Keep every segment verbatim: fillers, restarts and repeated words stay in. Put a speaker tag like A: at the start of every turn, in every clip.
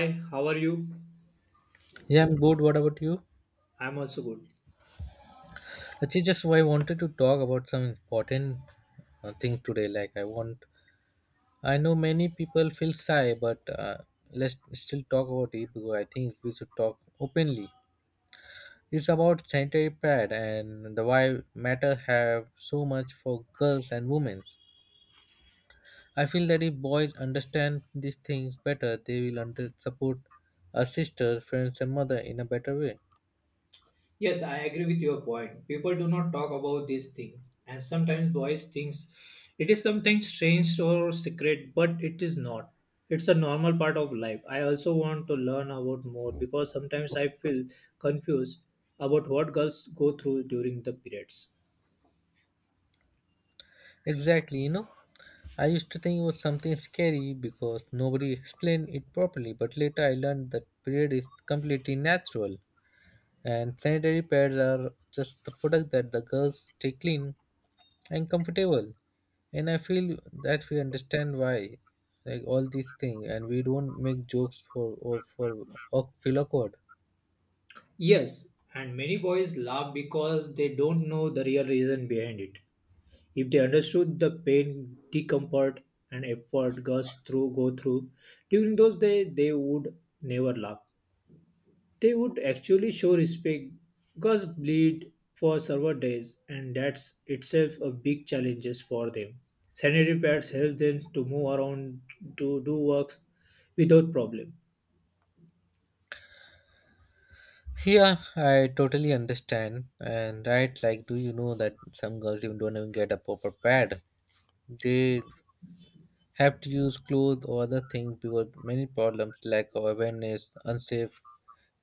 A: Hi, how are you?
B: Yeah, I'm good. What about you?
A: I'm also good.
B: Actually, just I wanted to talk about some important uh, thing today. Like I want, I know many people feel shy, but uh, let's still talk about it because I think we should talk openly. It's about sanitary pad and the why matter have so much for girls and women. I feel that if boys understand these things better, they will under support a sister, friends, and mother in a better way.
A: Yes, I agree with your point. People do not talk about these things, and sometimes boys thinks It is something strange or secret, but it is not. It's a normal part of life. I also want to learn about more because sometimes I feel confused about what girls go through during the periods.
B: Exactly, you know. I used to think it was something scary because nobody explained it properly, but later I learned that period is completely natural and sanitary pads are just the product that the girls stay clean and comfortable. And I feel that we understand why, like all these things, and we don't make jokes for or for or feel awkward.
A: Yes, and many boys laugh because they don't know the real reason behind it. If they understood the pain, discomfort, and effort girls through go through during those days, they would never laugh. They would actually show respect. Girls bleed for several days, and that's itself a big challenges for them. Sanitary pads help them to move around to do works without problem.
B: Yeah, I totally understand. And right, like, do you know that some girls even don't even get a proper pad? They have to use clothes or other things because many problems lack of awareness, unsafe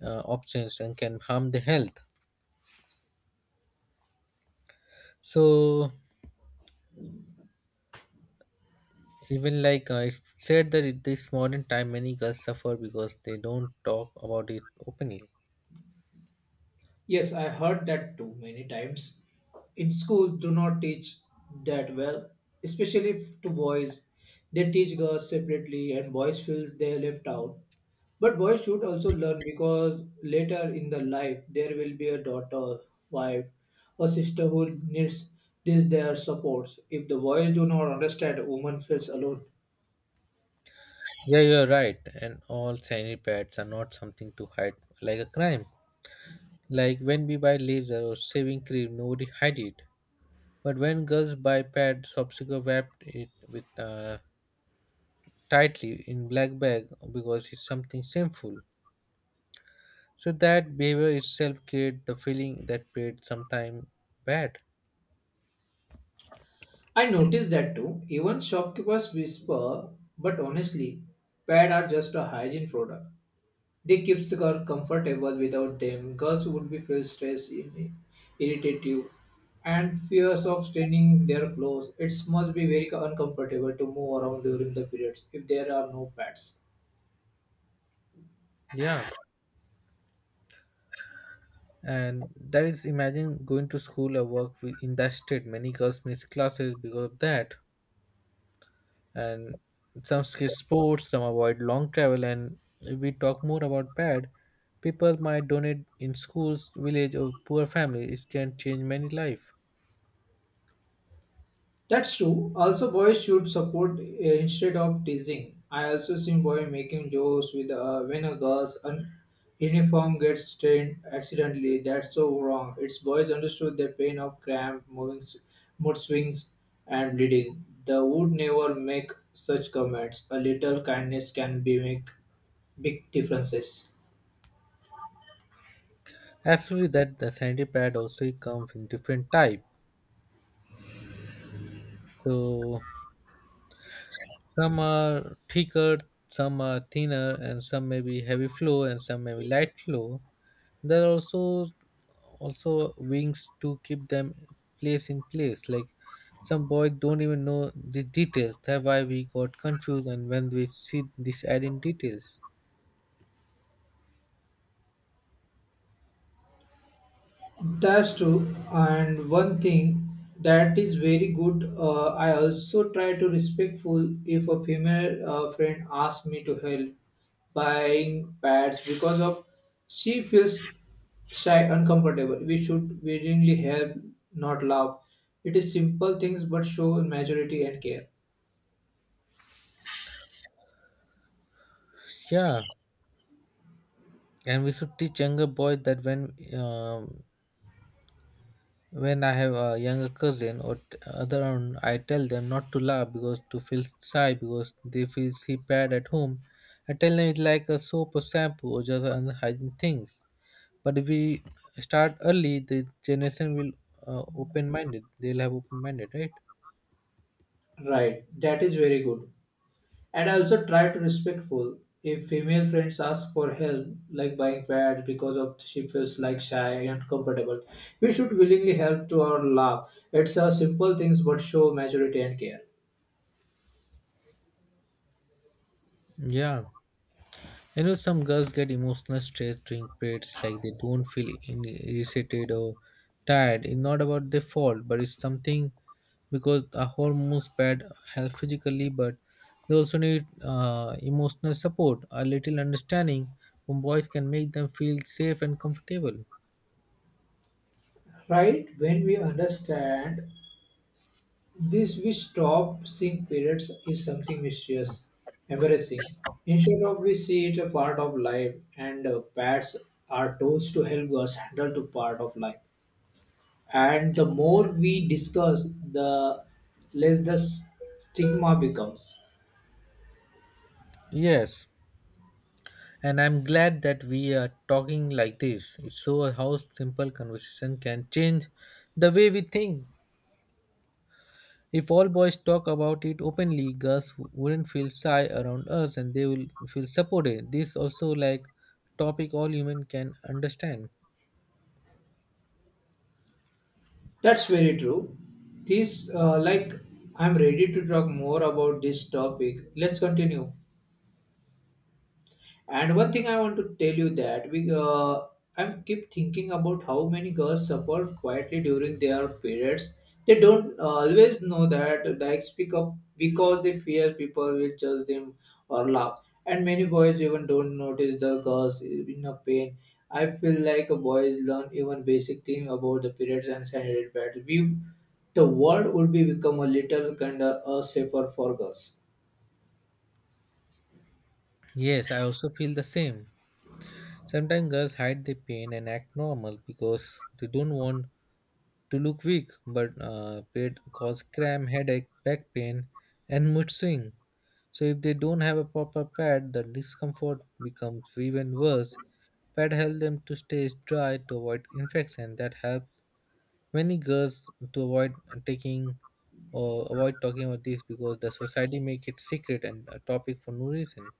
B: uh, options, and can harm the health. So even like uh, it's said that in this modern time, many girls suffer because they don't talk about it openly.
A: Yes, I heard that too many times. In school, do not teach that well, especially f- to boys. They teach girls separately, and boys feel they are left out. But boys should also learn because later in the life there will be a daughter, wife, or sister who needs this their supports. If the boys do not understand, a woman feels alone.
B: Yeah, you're right, and all sanitary pads are not something to hide like a crime. Like when we buy laser or shaving cream, nobody hide it. But when girls buy pads, popsicle wrapped it with uh, tightly in black bag because it's something shameful. So that behavior itself create the feeling that paid sometime bad.
A: I noticed that too. Even shopkeepers whisper, but honestly, pads are just a hygiene product. They keeps her comfortable without them. Girls would be feel stressed, in, irritative, and fears of staining their clothes. It must be very uncomfortable to move around during the periods if there are no pads.
B: Yeah. And that is imagine going to school or work with, in that state. Many girls miss classes because of that. And some skip sports, some avoid long travel. And if we talk more about bad, people might donate in schools, village, or poor family. It can change many life.
A: That's true. Also, boys should support uh, instead of teasing. I also seen boy making jokes with uh, when a girl's un- uniform gets stained accidentally. That's so wrong. It's boys understood the pain of cramp, moving, s- mood swings, and bleeding. They would never make such comments. A little kindness can be make big differences.
B: Absolutely, that the sanitary pad also comes in different type. So some are thicker, some are thinner, and some may be heavy flow and some may be light flow. There are also also wings to keep them place in place. Like some boys don't even know the details. That's why we got confused and when we see this ad in details.
A: That's true. And one thing that is very good, uh, I also try to respectful if a female uh, friend asks me to help buying pads because of she feels shy, uncomfortable. We should willingly help, not laugh. It is simple things but show maturity and care.
B: Yeah, and we should teach younger boys that when um, when I have a younger cousin or t- other one, I tell them not to laugh because to feel shy because they feel see bad at home. I tell them it's like a soap or shampoo or just other hygiene things. But if we start early, the generation will uh, open minded. They'll have open minded, right?
A: Right. That is very good. And I also try to respectful. If female friends ask for help, like buying pads because of she feels like shy and uncomfortable, we should willingly help to our love. It's a simple things but show maturity and care.
B: Yeah. You know, some girls get emotional stress during periods, like they don't feel in- irritated or tired. It's not about their fault, but it's something because our hormones bad health physically, but they also need uh, emotional support. A little understanding from boys can make them feel safe and comfortable.
A: Right? When we understand this, we stop seeing periods is something mysterious, embarrassing. Instead of we see it a part of life, and uh, pads are tools to help us handle to part of life. And the more we discuss the less the s- stigma becomes.
B: Yes, and I'm glad that we are talking like this. It shows how simple conversation can change the way we think. If all boys talk about it openly, girls wouldn't feel shy around us and they will feel supported. This also like topic all women can understand.
A: That's very true. This uh, like, I'm ready to talk more about this topic. Let's continue. And one thing I want to tell you that we uh, I keep thinking about how many girls suffer quietly during their periods. They don't uh, always know that they speak up because they fear people will judge them or laugh. And many boys even don't notice the girls in a pain. I feel like boys learn even basic thing about the periods and sanitary pads. We, the world would be become a little kind of uh, safer for girls.
B: Yes, I also feel the same. Sometimes girls hide their pain and act normal because they don't want to look weak, but uh, it cause cramp, headache, back pain, and mood swing. So if they don't have a proper pad, the discomfort becomes even worse. Pad help them to stay dry to avoid infection that helps many girls to avoid taking or avoid talking about this because the society make it secret and a topic for no reason.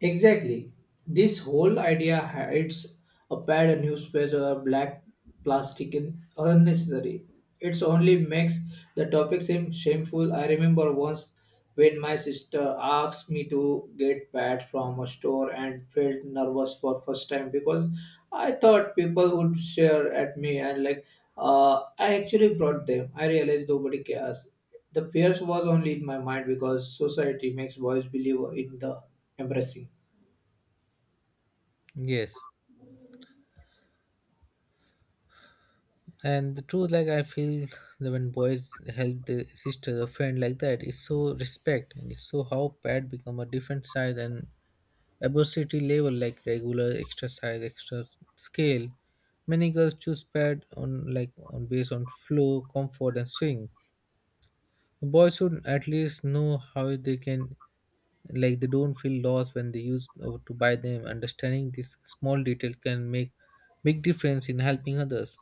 A: Exactly. This whole idea hides a pad, a newspaper, or black plastic in unnecessary. It's only makes the topic seem shameful. I remember once when my sister asked me to get pad from a store and felt nervous for first time because I thought people would stare at me and like uh, I actually brought them. I realized nobody cares. The fears was only in my mind because society makes boys believe in the embarrassing.
B: Yes, and the truth, like, I feel that when boys help their sister or friend like that, it's so respect and it's so how pad become a different size and adversity level, like regular, extra size, extra scale. Many girls choose pad on, like, on based on flow, comfort, and swing. Boys should at least know how they can, like they don't feel lost when they use uh, to buy them. Understanding this small detail can make big difference in helping others.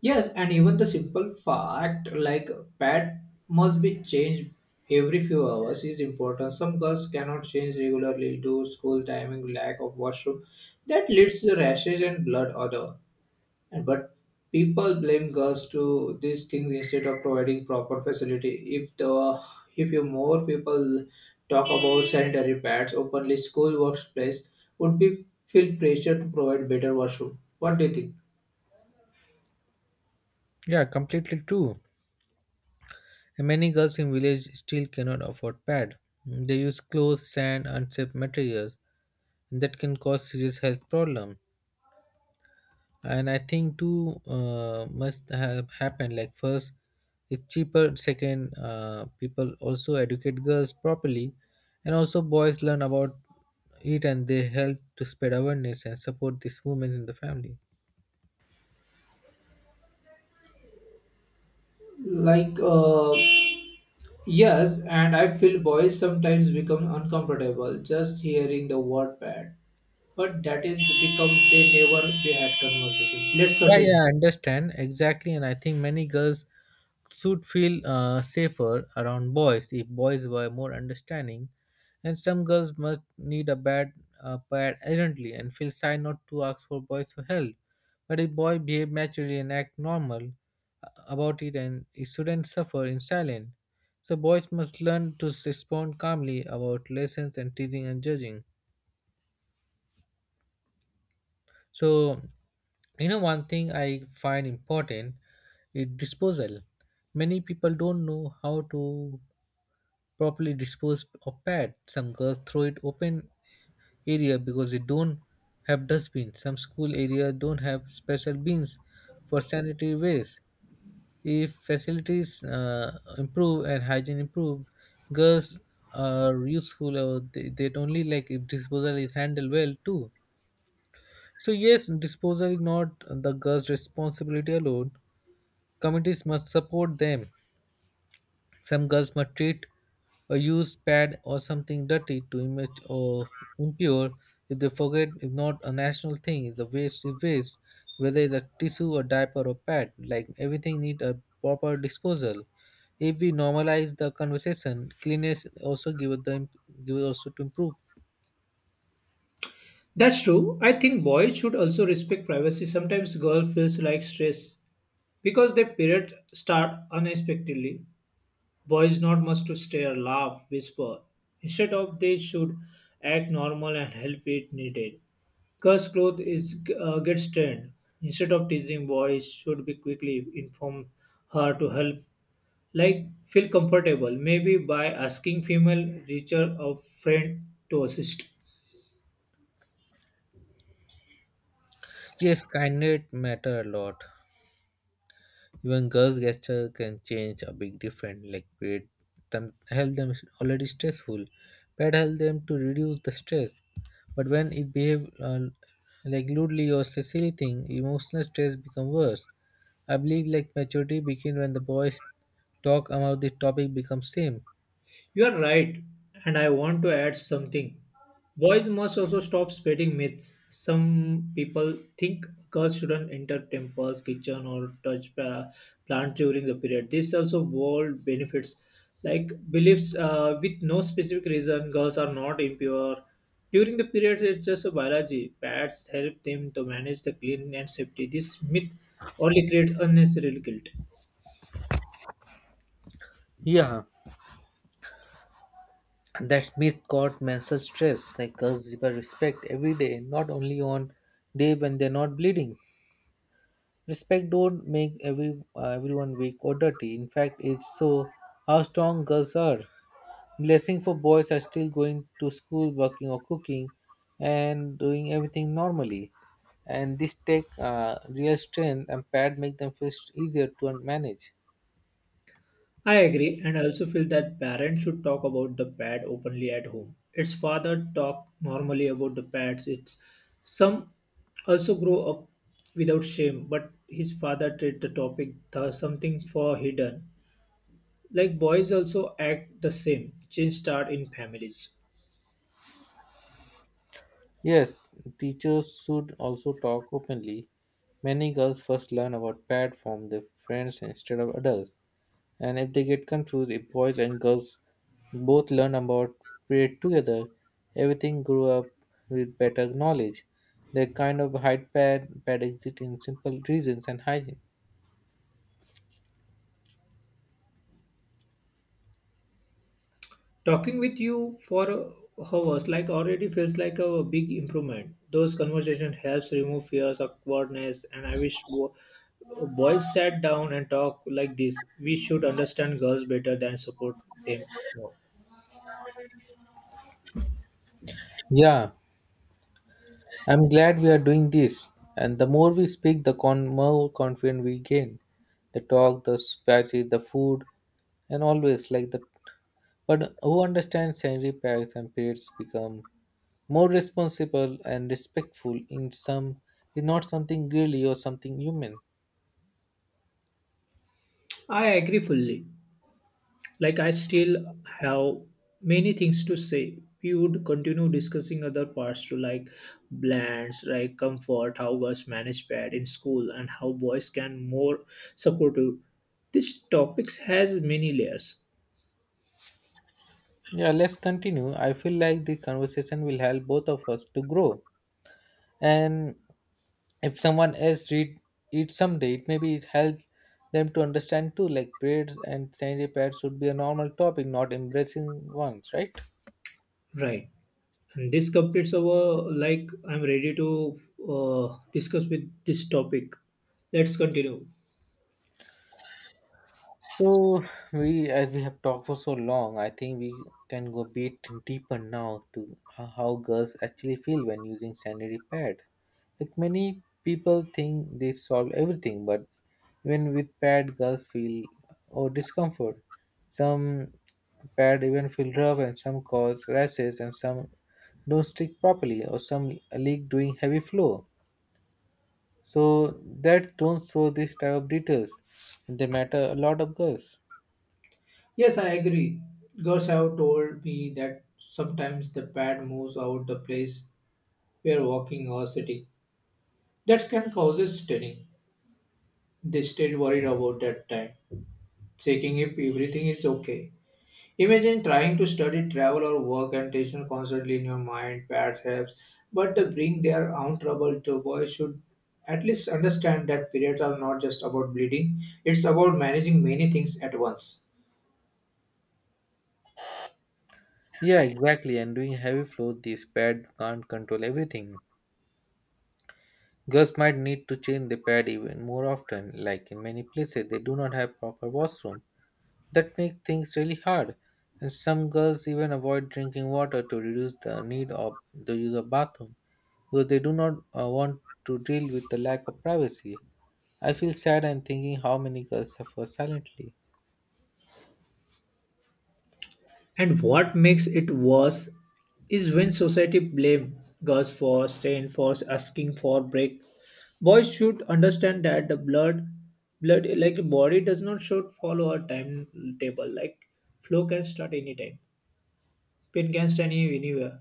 A: Yes, and even the simple fact like pad must be changed every few hours is important. Some girls cannot change regularly due to school timing, lack of washroom. That leads to rashes and blood odor. And but people blame girls to these things instead of providing proper facility. If the if you more people talk about sanitary pads openly, school workplace would be feel pressure to provide better washroom. What do you think?
B: Yeah, completely true. And many girls in village still cannot afford pad. They use clothes, sand, unsafe materials, and that can cause serious health problem. And I think two uh, must have happened, like first, it's cheaper, second, uh, people also educate girls properly, and also boys learn about it and they help to spread awareness and support these women in the family.
A: Like uh Yes, and I feel boys sometimes become uncomfortable just hearing the word bad. But that is become they never we had conversation. Let's
B: Yeah,
A: continue.
B: yeah, I understand exactly, and I think many girls should feel uh, safer around boys if boys were more understanding, and some girls must need a bad uh, bad urgently and feel shy not to ask for boys for help. But if boy behave naturally and act normal uh, about it, and he shouldn't suffer in silence. So boys must learn to respond calmly about lessons and teasing and judging. So, you know, one thing I find important is disposal. Many people don't know how to properly dispose of pad. Some girls throw it open area because they don't have dustbins. Some school area don't have special bins for sanitary waste. If facilities uh, improve and hygiene improve, girls are useful. Or they, they only like if disposal is handled well too. So, yes, disposal is not the girl's responsibility alone. Communities must support them. Some girls must treat a used pad or something dirty to image or impure. If they forget, if not a national thing, the waste is waste, whether it's a tissue, a diaper, or pad. Like everything need a proper disposal. If we normalize the conversation, cleanliness also give it the imp- give it also to improve.
A: That's true. I think boys should also respect privacy. Sometimes girl feels like stress because their period start unexpectedly. Boys not much to stare, laugh, whisper. Instead of they should act normal and help if needed. Curse cloth is uh, gets trained. Instead of teasing, boys should be quickly inform her to help. Like feel comfortable, maybe by asking female teacher or friend to assist.
B: Yes, kindness matter a lot. Even girls' gesture can change a big difference, like create them help them already stressful. Pet help them to reduce the stress. But when it behave uh, like lewdly or say silly thing, emotional stress become worse. I believe like maturity begin when the boys talk about the topic becomes same.
A: You are right, and I want to add something. Boys must also stop spreading myths. Some people think girls shouldn't enter temples, kitchen, or touch pla- plant during the period. This also bold benefits, like beliefs uh, with no specific reason. Girls are not impure during the period. It's just a biology. Pads help them to manage the clean and safety. This myth only creates unnecessary guilt.
B: Yeah, and that myth called menstrual stress, like girls give a respect every day, not only on day when they're not bleeding. Respect don't make every uh, everyone weak or dirty. In fact, it's so how strong girls are. Blessing for boys are still going to school, working or cooking, and doing everything normally. And this take uh, real strength and pad make them feel easier to manage.
A: I agree, and I also feel that parents should talk about the pet openly at home. It's father talk normally about the pets. It's some also grow up without shame, but his father treat the topic the something for hidden. Like boys also act the same. Change start in families.
B: Yes, teachers should also talk openly. Many girls first learn about pad from their friends instead of adults. And if they get confused, if boys and girls both learn about period together, everything grew up with better knowledge. They kind of hide bad, bad exit in simple reasons and hygiene.
A: Talking with you for uh, hours like already feels like a big improvement. Those conversation helps remove fears, awkwardness, and I wish wo- boys sat down and talk like this. We should understand girls better than support them more.
B: Yeah, I'm glad we are doing this. And the more we speak, the con- more confident we gain. The talk, the speeches, the food, and always like the. But who understands sanitary packs and periods become more responsible and respectful in some is not something girly or something human.
A: I agree fully. Like I still have many things to say. We would continue discussing other parts to like blends, like comfort, how girls manage pad in school, and how boys can more supportive. This topics has many layers,
B: Yeah, let's continue. I feel like the conversation will help both of us to grow. And if someone else read it someday, it maybe it help them to understand too. Like periods and sanitary pads should be a normal topic, not embracing ones, right?
A: right? And this completes our like I'm ready to uh, discuss with this topic. Let's continue.
B: So we, as we have talked for so long, I think we can go a bit deeper now to how, how girls actually feel when using sanitary pad. Like many people think they solve everything, but even with pad, girls feel or discomfort. Some pad even feel rough, and some cause rashes, and some don't stick properly, or some leak during heavy flow. So that don't show this type of details. They matter a lot of girls.
A: Yes, I agree. Girls have told me that sometimes the pad moves out the place we are walking or sitting. That can causes stunning. They stayed worried about that time, checking if everything is okay. Imagine trying to study, travel, or work and tension constantly in your mind, perhaps, but they bring their own trouble to boys should at least understand that periods are not just about bleeding, it's about managing many things at once.
B: Yeah, exactly. And doing heavy flow, this pad can't control everything. Girls might need to change the pad even more often. Like in many places, they do not have proper washroom. That makes things really hard. And some girls even avoid drinking water to reduce the need of the use of bathroom because they do not uh, want to deal with the lack of privacy. I feel sad and thinking how many girls suffer silently.
A: And what makes it worse is when society blame girls for staying for asking for break. Boys should understand that the blood blood like body does not should follow a timetable. Like flow can start anytime. Pain can start any- anywhere.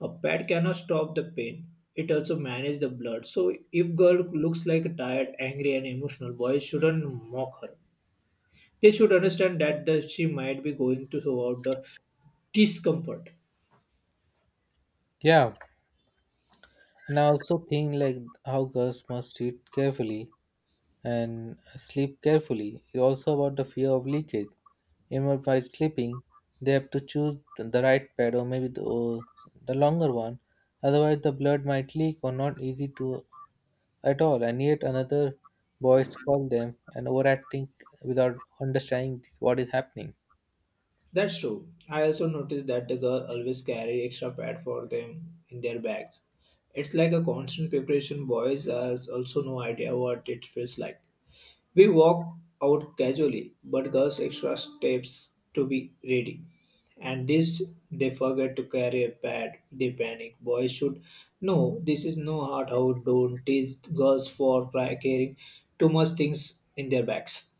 A: A pad cannot stop the pain. It also manages the blood. So if girl looks like tired, angry and emotional, boys shouldn't mock her. They should understand that the, she might be going to throughout the discomfort.
B: Yeah, and I also think like how girls must treat carefully and sleep carefully. It's also about the fear of leakage. Remember, while sleeping, they have to choose the the right pad or maybe the, or the longer one. Otherwise, the blood might leak or not easy to at all. And yet another boys call them and overacting without understanding what is happening.
A: That's true. I also noticed that the girl always carry extra pad for them in their bags. It's like a constant preparation. Boys has also no idea what it feels like. We walk out casually, but girls extra steps to be ready. And this they forget to carry a pad. They panic. Boys should know this is no hard how don't tease girls for cry- carrying too much things in their bags.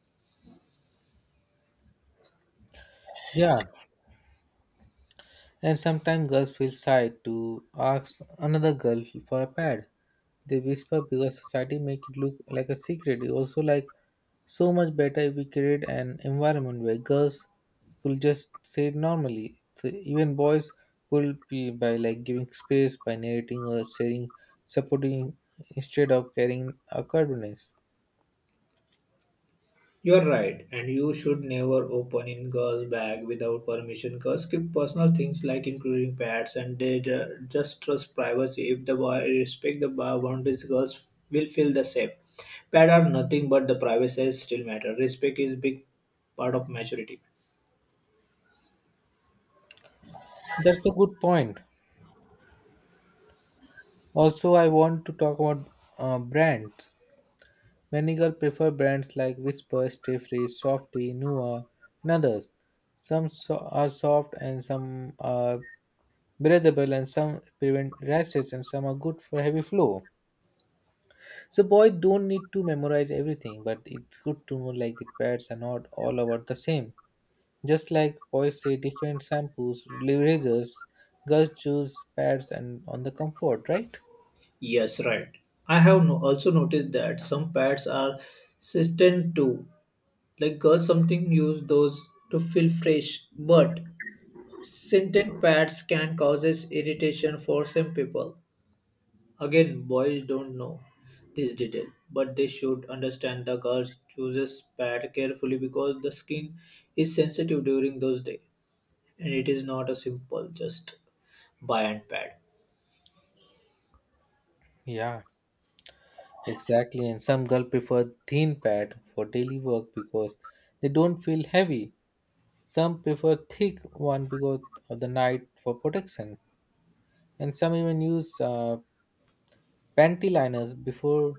B: Yeah, and sometimes girls feel shy to ask another girl for a pad. They whisper because society make it look like a secret. It's also like so much better if we create an environment where girls could just say it normally. So even boys could be by like giving space, by narrating or sharing, supporting instead of carrying awkwardness.
A: You're right, and you should never open in girls' bag without permission. Cause keep personal things like including pets and they ju- just trust privacy. If the boy respect the bo- boundaries, girls will feel the same. Pet are nothing but the privacy still matter. Respect is big part of maturity.
B: That's a good point. Also, I want to talk about uh, brands. Many girls prefer brands like Whisper, Stay Free, Softy, Nua, and others. Some so- are soft and some are breathable and some prevent rashes and some are good for heavy flow. So boy don't need to memorize everything, but it's good to know like the pads are not all about the same. Just like boys say different shampoos, razors, girls choose pads and on the comfort, right?
A: Yes, right. I have no, also noticed that some pads are system too. Like girls something use those to feel fresh, but scented pads can cause irritation for some people. Again, boys don't know this detail, but they should understand the girl chooses pad carefully because the skin is sensitive during those days, and it is not a simple just buy and pad.
B: Yeah. Exactly, and some girls prefer thin pad for daily work because they don't feel heavy. Some prefer thick one because of the night for protection, and some even use uh, panty liners before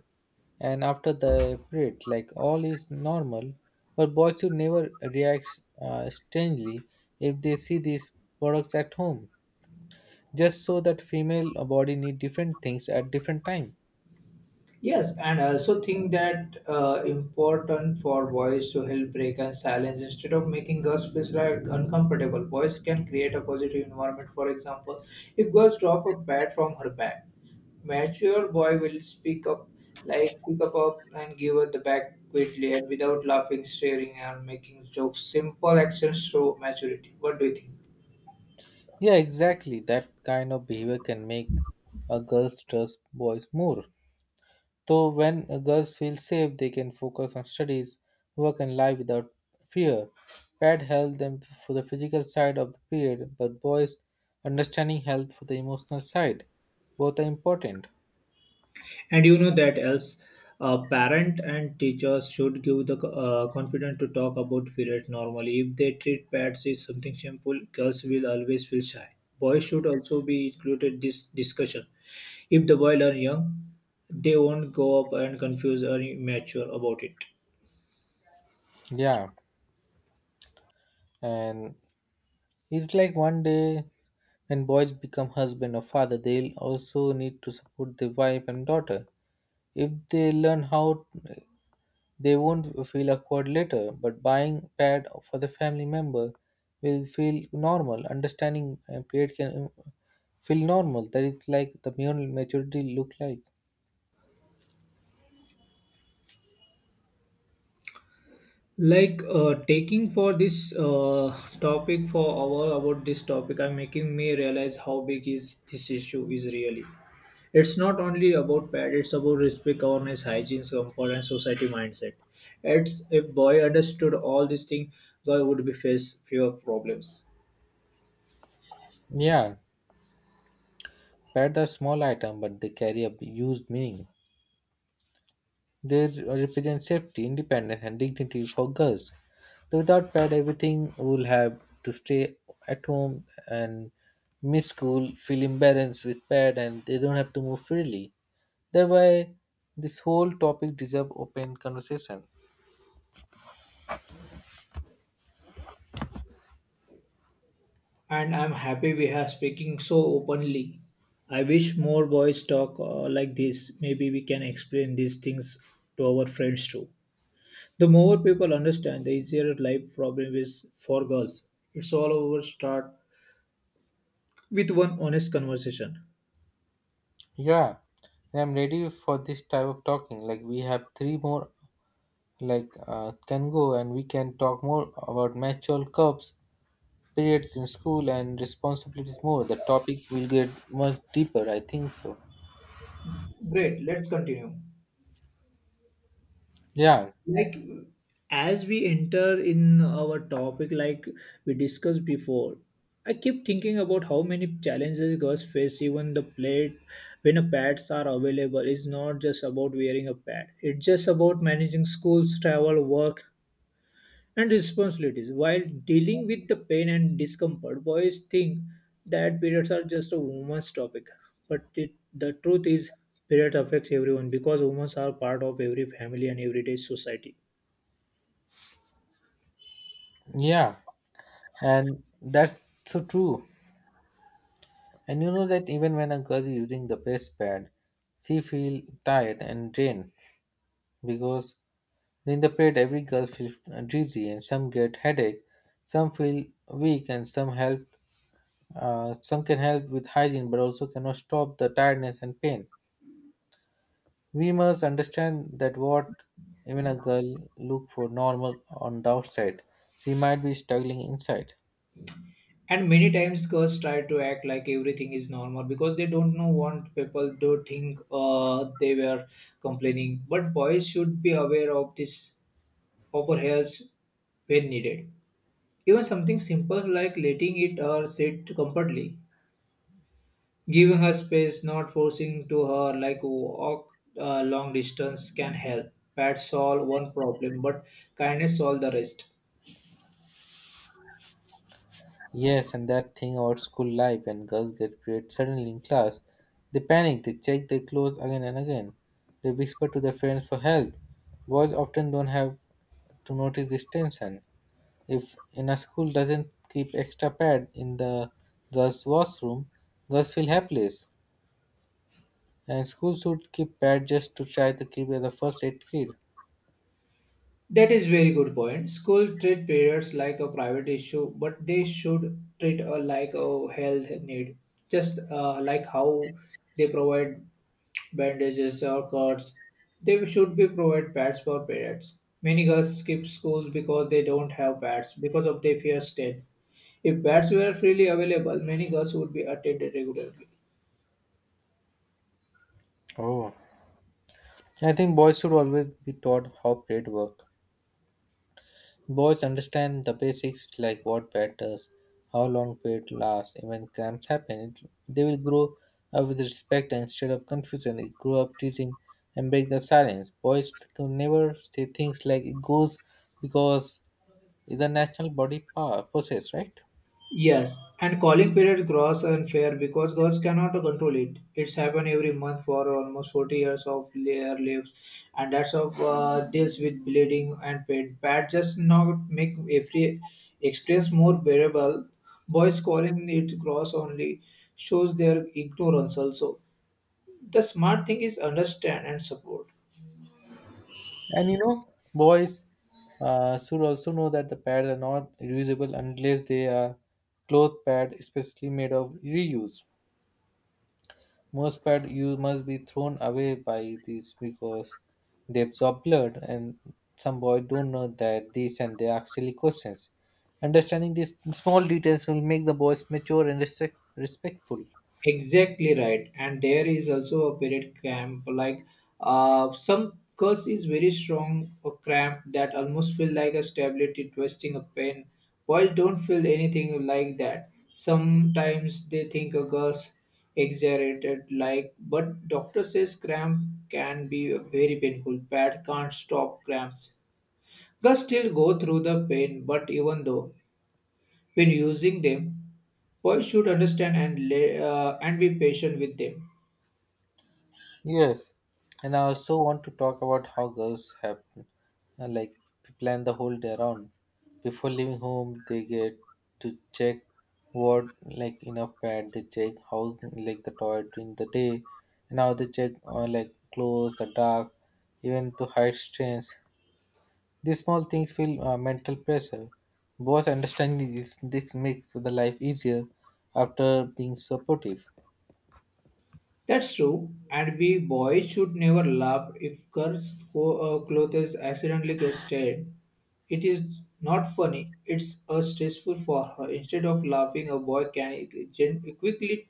B: and after the period. Like all is normal, but boys should never react uh, strangely if they see these products at home. Just so that female body need different things at different time.
A: Yes, and I also think that uh, important for voice to help break and silence instead of making us feel like uncomfortable. Voice can create a positive environment. For example, if girls drop a pad from her bag, mature boy will speak up, like pick up, up and give her the bag quickly and without laughing, staring, and making jokes. Simple actions show maturity. What do you think?
B: Yeah, exactly. That kind of behavior can make a girls trust boys more. So when uh, girls feel safe, they can focus on studies, work, and life without fear. Pad helped them for the physical side of the period, but boys understanding help for the emotional side. Both are important.
A: And you know that else, uh, parent and teachers should give the uh, confidence to talk about periods normally. If they treat pets as something simple, girls will always feel shy. Boys should also be included this discussion. If the boys are young, they won't grow up and confused or immature about it.
B: Yeah, and it's like one day when boys become husband or father, they'll also need to support their wife and daughter. If they learn how, they won't feel awkward later, but buying pad for the family member will feel normal. Understanding uh, period can uh, feel normal. That is like the male maturity look like.
A: Like uh, taking for this uh, topic for hour about this topic, I'm making me realize how big is this issue is really. It's not only about pad, it's about respect, awareness, hygiene, comfort, and society mindset. It's if boy understood all these things, boy would be face fewer problems.
B: Yeah, pads are small item, but they carry a huge meaning. They represent safety, independence, and dignity for girls. So without pad, everything will have to stay at home and miss school, feel embarrassed with pad, and they don't have to move freely. Thereby, this whole topic deserves open conversation.
A: And I'm happy we are speaking so openly. I wish more boys talk uh, like this. Maybe we can explain these things to our friends too. The more people understand, the easier life problem is for girls. It's all over start with one honest conversation.
B: Yeah, and I'm ready for this type of talking. Like we have three more like uh, can go and we can talk more about mature cups, periods in school and responsibilities more. The topic will get much deeper, I think so.
A: Great, let's continue.
B: Yeah,
A: Like as we enter in our topic like we discussed before, I keep thinking about how many challenges girls face even the plate when a pads are available is not just about wearing a pad. It's just about managing schools, travel, work and responsibilities. While dealing with the pain and discomfort, boys think that periods are just a woman's topic. But it, the truth is, periods affects everyone because women are part of every family and everyday society.
B: yeah, and that's so true. And you know that even when a girl is using the breast pad, she feel tired and drained because in the parade, every girl feels dizzy, and some get headache, some feel weak, and some help. Uh, some can help with hygiene, but also cannot stop the tiredness and pain. We must understand that what even a girl look for normal on the outside, she might be struggling inside.
A: And many times girls try to act like everything is normal because they don't know what people do think uh, they were complaining. But boys should be aware of this, offer helps when needed. Even something simple like letting it or sit comfortably, giving her space, not forcing to her like walk uh, long distance can help. Pets solve one problem, but kindness solve the rest.
B: Yes, and that thing about school life when girls get period suddenly in class, they panic, they check their clothes again and again. They whisper to their friends for help. Boys often don't have to notice this tension. If in a school doesn't keep extra pad in the girls' washroom, girls feel helpless. And schools should keep pad just to try to keep as a first aid kit.
A: That is very good point. School treat periods like a private issue, but they should treat uh, like a health need. Just uh, like how they provide bandages or cuts, they should be provide pads for periods. Many girls skip schools because they don't have pads because of their fear state. If beds were freely available, many girls would be attended regularly.
B: Oh, I think boys should always be taught how plate work. Boys understand the basics like what pad does, how long plate lasts, and when cramps happen. It, they will grow up with respect instead of confusion. They grow up teasing and break the silence. Boys can never say things like it goes because is a national body pa- process, right?
A: Yes, and calling period gross unfair because girls cannot control it. It's happened every month for almost forty years of their lives, and that's of uh, deals with bleeding and pain. Bad just not make every experience more bearable. Boys calling it gross only shows their ignorance also. The smart thing is understand and support.
B: And you know, boys uh, should also know that the pads are not reusable unless they are cloth pad especially made of reuse. Most pad you must be thrown away by these because they absorb blood, and some boys don't know that this, and they ask silly questions. Understanding these small details will make the boys mature and respect- respectful.
A: Exactly right. And there is also a period cramp. Like uh, some curse is very strong a cramp that almost feel like a stability twisting a pen. Boys don't feel anything like that. Sometimes they think a curse exaggerated like but doctor says cramp can be very painful. Pad can't stop cramps. Girls still go through the pain, but even though when using them, boys should understand and lay, uh, and be patient with them.
B: Yes, and I also want to talk about how girls have uh, like plan the whole day around. Before leaving home, they get to check what like enough pad. They check how like the toilet during the day, and how they check uh, like clothes, the dark, even to hide stains. These small things feel uh, mental pressure. Both understanding this, this makes the life easier after being supportive.
A: That's true, and we boys should never laugh if girls' co- uh, clothes accidentally get stained. It is not funny, it's uh, stressful for her. Instead of laughing, a boy can e-, gen- quickly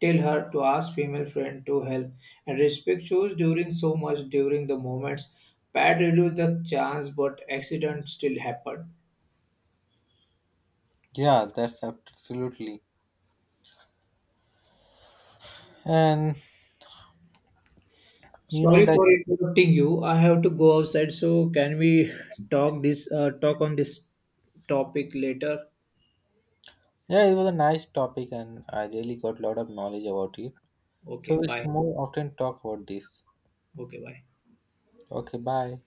A: tell her to ask female friend to help. And respect shows during so much during the moments. Pat reduce the chance, but accidents still happen.
B: Yeah, that's absolutely. And you know,
A: Sorry
B: like,
A: for interrupting you. I have to go outside, so can we talk this uh, talk on this topic later?
B: yeah, it was a nice topic and I really got a lot of knowledge about it. So
A: Okay,
B: we should
A: bye.
B: more often talk about this.
A: Okay, bye.
B: Okay, bye.